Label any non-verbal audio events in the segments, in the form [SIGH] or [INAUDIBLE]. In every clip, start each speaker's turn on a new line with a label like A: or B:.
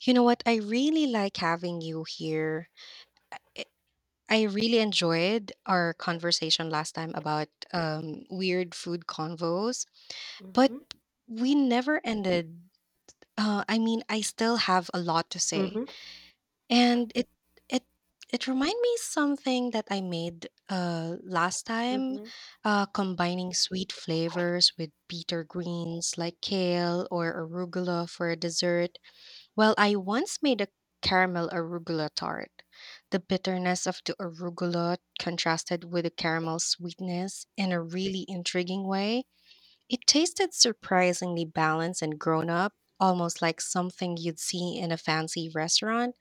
A: You know what? I really like having you here. I I really enjoyed our conversation last time about weird food convos, but
B: Mhm,
A: we never ended. I mean, I still have a lot to say,
B: mhm,
A: and it it reminded me something that I made last time,
B: mhm.
A: combining sweet flavors with bitter greens like kale or arugula for a dessert. Well, I once made a caramel arugula tart. The bitterness of the arugula contrasted with the caramel sweetness in a really intriguing way. It tasted surprisingly balanced and grown up, almost like something you'd see in a fancy restaurant.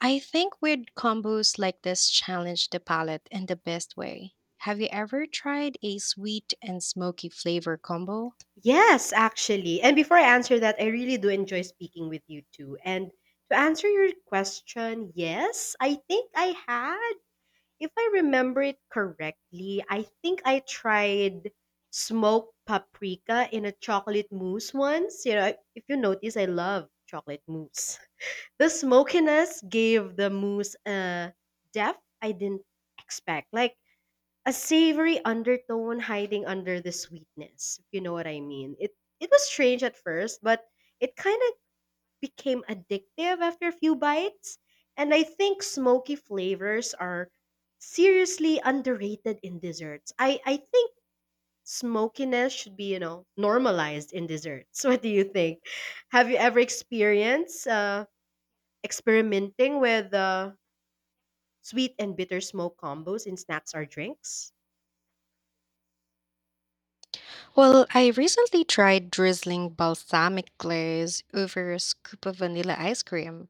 A: I think weird combos like this challenge the palate in the best way. Have you ever tried a sweet and smoky flavor combo?
B: Yes, actually. And before I answer that, I really do enjoy speaking with you too. And to answer your question, yes, I think I had, if I remember it correctly, I think I tried smoked paprika in a chocolate mousse once. You know, if you notice, I love chocolate mousse. [LAUGHS] The smokiness gave the mousse a depth I didn't expect. Like, a savory undertone hiding under the sweetness, if you know what I mean. It was strange at first, but it kind of became addictive after a few bites. And I think smoky flavors are seriously underrated in desserts. I think smokiness should be, you know, normalized in desserts. [LAUGHS] What do you think? Have you ever experienced experimenting with sweet and bitter smoke combos in snacks or drinks?
A: Well, I recently tried drizzling balsamic glaze over a scoop of vanilla ice cream,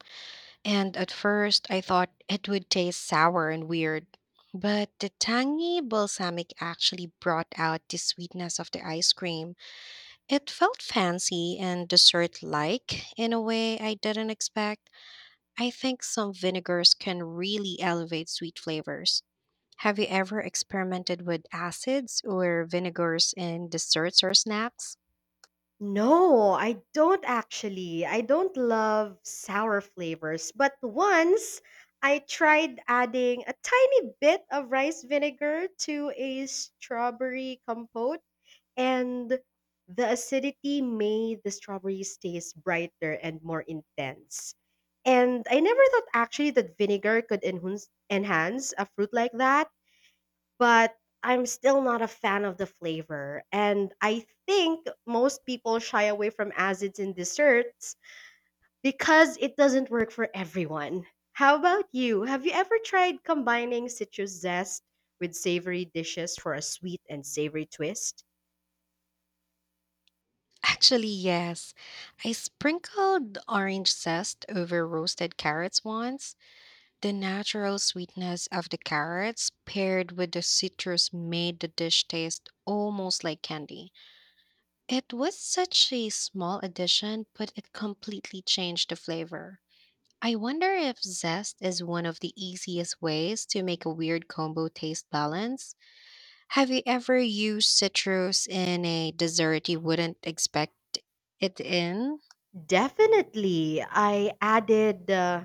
A: and at first I thought it would taste sour and weird. But the tangy balsamic actually brought out the sweetness of the ice cream. It felt fancy and dessert like in a way I didn't expect. I think some vinegars can really elevate sweet flavors. Have you ever experimented with acids or vinegars in desserts or snacks?
B: No, I don't actually. I don't love sour flavors, but once I tried adding a tiny bit of rice vinegar to a strawberry compote, and the acidity made the strawberries taste brighter and more intense. And I never thought actually that vinegar could enhance a fruit like that, but I'm still not a fan of the flavor. And I think most people shy away from acids in desserts because it doesn't work for everyone. How about you? Have you ever tried combining citrus zest with savory dishes for a sweet and savory twist?
A: Actually, yes. I sprinkled orange zest over roasted carrots once. The natural sweetness of the carrots paired with the citrus made the dish taste almost like candy. It was such a small addition, but it completely changed the flavor. I wonder if zest is one of the easiest ways to make a weird combo taste balance. Have you ever used citrus in a dessert you wouldn't expect it in?
B: Definitely. I added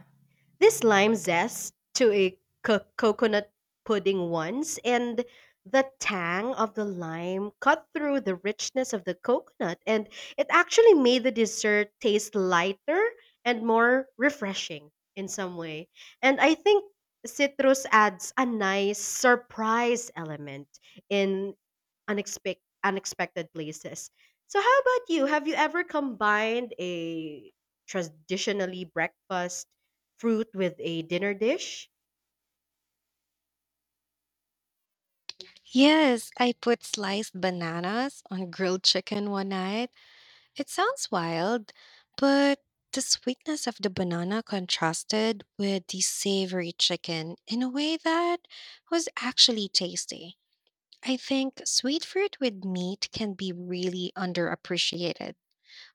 B: this lime zest to a coconut pudding once, and the tang of the lime cut through the richness of the coconut, and it actually made the dessert taste lighter and more refreshing in some way. And I think citrus adds a nice surprise element in unexpected places. So how about you? Have you ever combined a traditionally breakfast fruit with a dinner dish?
A: Yes, I put sliced bananas on grilled chicken one night. It sounds wild, but the sweetness of the banana contrasted with the savory chicken in a way that was actually tasty. I think sweet fruit with meat can be really underappreciated.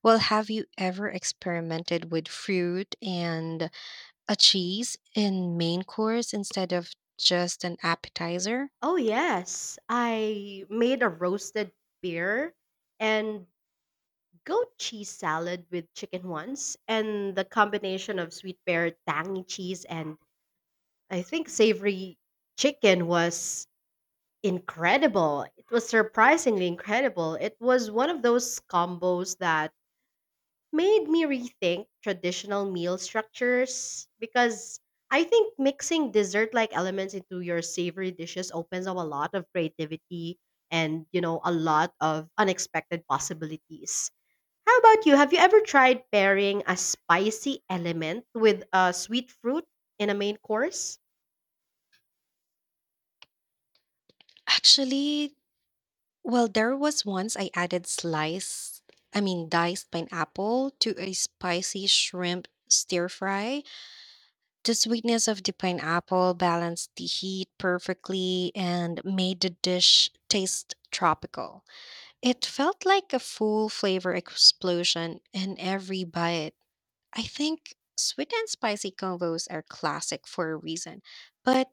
A: Well, have you ever experimented with fruit and a cheese in main course instead of just an appetizer?
B: Oh, yes. I made a roasted pear and goat cheese salad with chicken once, and the combination of sweet pear, tangy cheese, and I think savory chicken was incredible. It was surprisingly incredible. It was one of those combos that made me rethink traditional meal structures because I think mixing dessert like elements into your savory dishes opens up a lot of creativity and, you know, a lot of unexpected possibilities. How about you? Have you ever tried pairing a spicy element with a sweet fruit in a main course?
A: Actually, well, there was once I added diced pineapple to a spicy shrimp stir fry. The sweetness of the pineapple balanced the heat perfectly and made the dish taste tropical. It felt like a full flavor explosion in every bite. I think sweet and spicy combos are classic for a reason, but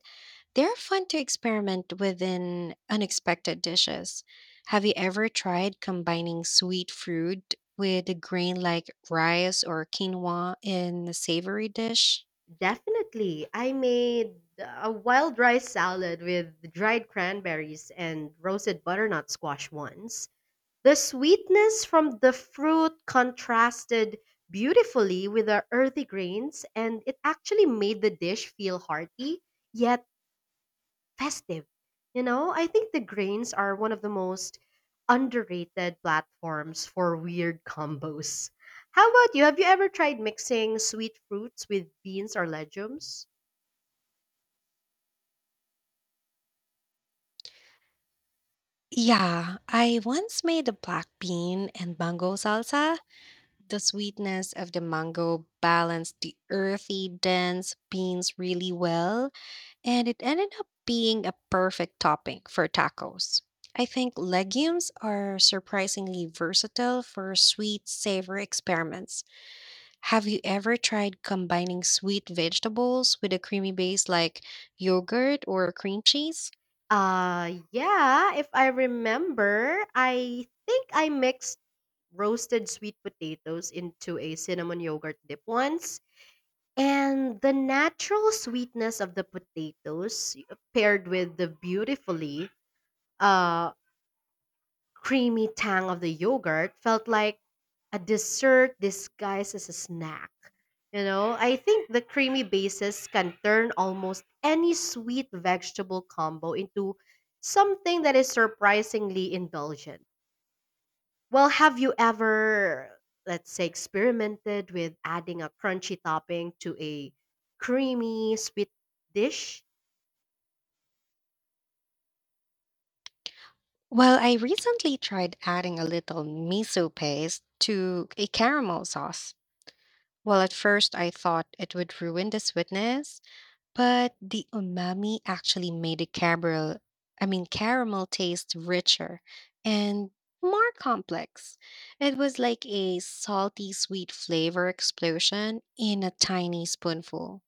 A: they're fun to experiment with in unexpected dishes. Have you ever tried combining sweet fruit with a grain like rice or quinoa in a savory dish?
B: Definitely. I made a wild rice salad with dried cranberries and roasted butternut squash once. The sweetness from the fruit contrasted beautifully with the earthy grains, and it actually made the dish feel hearty yet festive. You know, I think the grains are one of the most underrated platforms for weird combos. How about you? Have you ever tried mixing sweet fruits with beans or legumes?
A: Yeah, I once made a black bean and mango salsa. The sweetness of the mango balanced the earthy, dense beans really well, and it ended up being a perfect topping for tacos. I think legumes are surprisingly versatile for sweet savor experiments. Have you ever tried combining sweet vegetables with a creamy base like yogurt or cream cheese?
B: Yeah, if I remember, I think I mixed roasted sweet potatoes into a cinnamon yogurt dip once. And the natural sweetness of the potatoes paired with the beautifully uh, creamy tang of the yogurt felt like a dessert disguised as a snack. You know, I think the creamy bases can turn almost any sweet vegetable combo into something that is surprisingly indulgent. Well, have you ever, let's say, experimented with adding a crunchy topping to a creamy sweet dish?
A: Well, I recently tried adding a little miso paste to a caramel sauce. Well, at first I thought it would ruin the sweetness, but the umami actually made the caramel, I mean caramel taste richer and more complex. It was like a salty sweet flavor explosion in a tiny spoonful.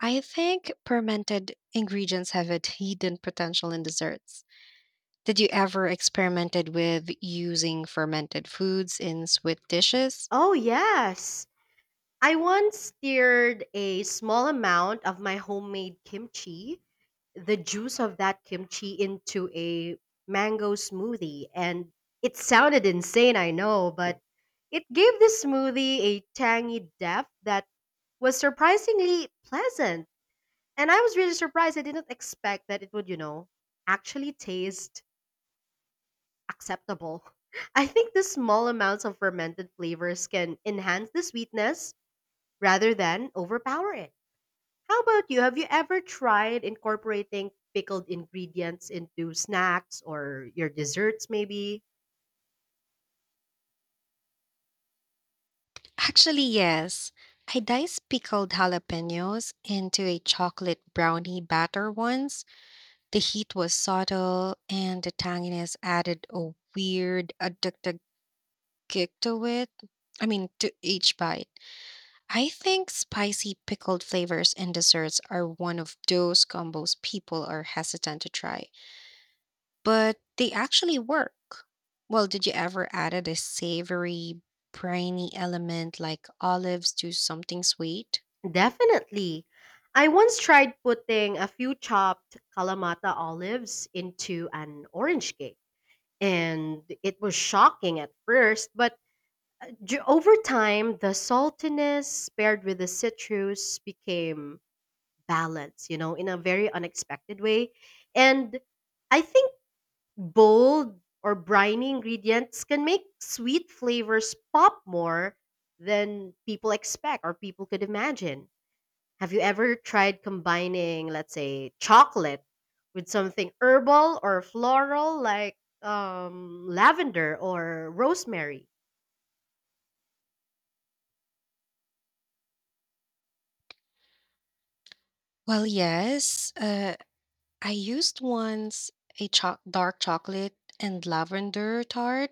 A: I think fermented ingredients have a [LAUGHS] hidden potential in desserts. Did you ever experimented with using fermented foods in sweet dishes?
B: Oh, yes. I once stirred a small amount of my homemade kimchi, the juice of that kimchi, into a mango smoothie. And it sounded insane, I know, but it gave the smoothie a tangy depth that was surprisingly pleasant. And I was really surprised. I didn't expect that it would, you know, actually taste acceptable. [LAUGHS] I think the small amounts of fermented flavors can enhance the sweetness rather than overpower it. How about you? Have you ever tried incorporating pickled ingredients into snacks or your desserts, maybe?
A: Actually, yes. I diced pickled jalapenos into a chocolate brownie batter once. The heat was subtle and the tanginess added a weird addictive kick to to each bite. I think spicy pickled flavors in desserts are one of those combos people are hesitant to try, but they actually work. Well, did you ever add a savory, briny element like olives to something sweet?
B: Definitely. I once tried putting a few chopped Kalamata olives into an orange cake, and it was shocking at first, but over time, the saltiness paired with the citrus became balanced, you know, in a very unexpected way. And I think bold or briny ingredients can make sweet flavors pop more than people expect or people could imagine. Have you ever tried combining, let's say, chocolate with something herbal or floral like lavender or rosemary?
A: Well, yes. I used once a dark chocolate and lavender tart.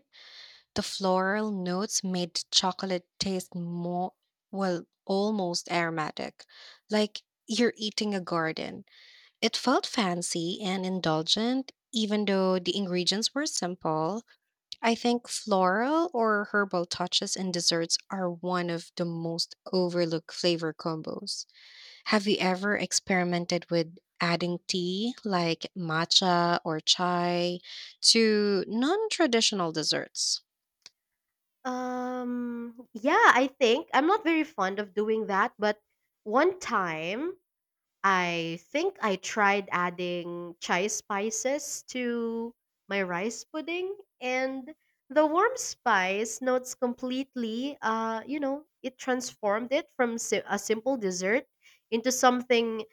A: The floral notes made the chocolate taste more, well, almost aromatic, like you're eating a garden. It felt fancy and indulgent, even though the ingredients were simple. I think floral or herbal touches in desserts are one of the most overlooked flavor combos. Have you ever experimented with adding tea like matcha or chai to non traditional desserts?
B: Yeah, I think I'm not very fond of doing that, but one time I think I tried adding chai spices to my rice pudding, and the warm spice notes completely, you know, it transformed it from a simple dessert into something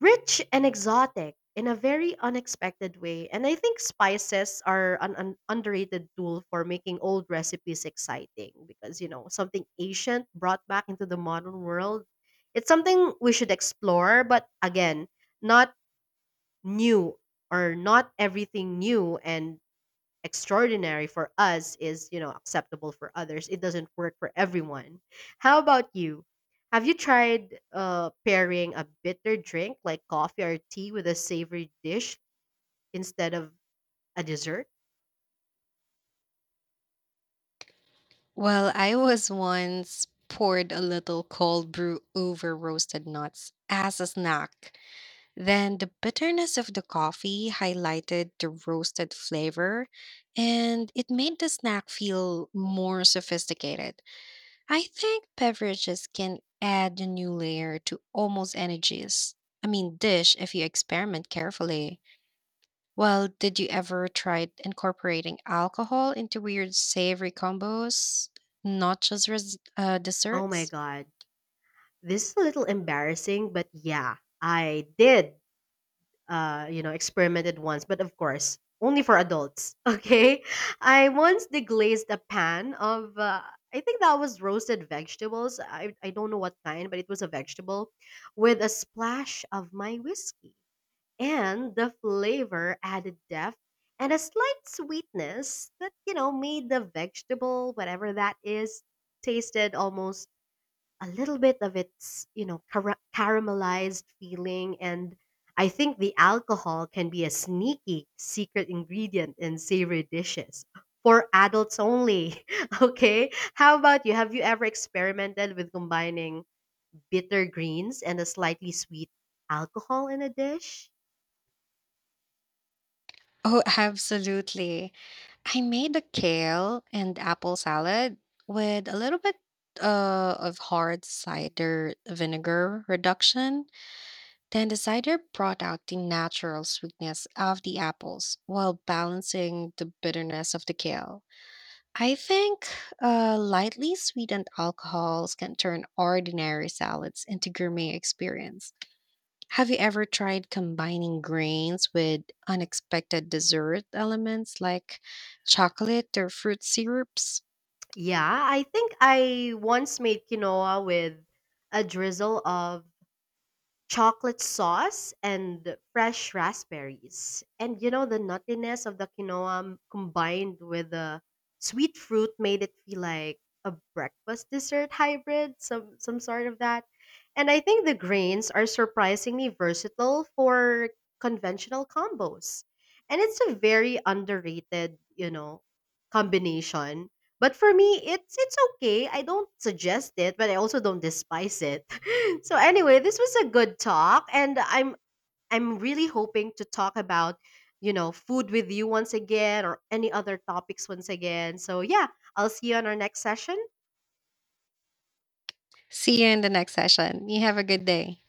B: rich and exotic in a very unexpected way. And I think spices are an underrated tool for making old recipes exciting because, you know, something ancient brought back into the modern world. It's something we should explore, but again, not new, or not everything new and extraordinary for us is, you know, acceptable for others. It doesn't work for everyone. How about you? Have you tried pairing a bitter drink like coffee or tea with a savory dish instead of a dessert?
A: Well, I was once poured a little cold brew over roasted nuts as a snack. Then the bitterness of the coffee highlighted the roasted flavor, and it made the snack feel more sophisticated. I think beverages can add a new layer to almost any dish if you experiment carefully. Well, did you ever try incorporating alcohol into weird savory combos, not just
B: Oh my
A: desserts?
B: God. This is a little embarrassing, but yeah, I did, you know, experimented once, but of course, only for adults. [LAUGHS] Okay. I once deglazed a pan of, I think that was roasted vegetables. I don't know what kind, but it was a vegetable with a splash of my whiskey. And the flavor added depth and a slight sweetness that, you know, made the vegetable, whatever that is, tasted almost a little bit of its, you know, caramelized feeling. And I think the alcohol can be a sneaky secret ingredient in savory dishes, for adults only. [LAUGHS] Okay, how about you? Have you ever experimented with combining bitter greens and a slightly sweet alcohol in a dish?
A: Oh, [LAUGHS] absolutely. I made a kale and apple salad with a little bit of hard cider vinegar reduction. Then the cider brought out the natural sweetness of the apples while balancing the bitterness of the kale. I think lightly sweetened alcohols can turn ordinary salads into gourmet experience. Have you ever tried combining grains with unexpected dessert elements like chocolate or fruit syrups?
B: Yeah, I think I once made quinoa with a drizzle of chocolate sauce and fresh raspberries. And you know, the nuttiness of the quinoa combined with the sweet fruit made it feel like a breakfast dessert hybrid, some sort of that. And I think the grains are surprisingly versatile for conventional combos. And it's a very underrated, you know, combination. But for me, it's okay. I don't suggest it, but I also don't despise it. So anyway, this was a good talk, and I'm really hoping to talk about, you know, food with you once again, or any other topics once again. So yeah, I'll see you on our next session.
A: See you in the next session. You have a good day.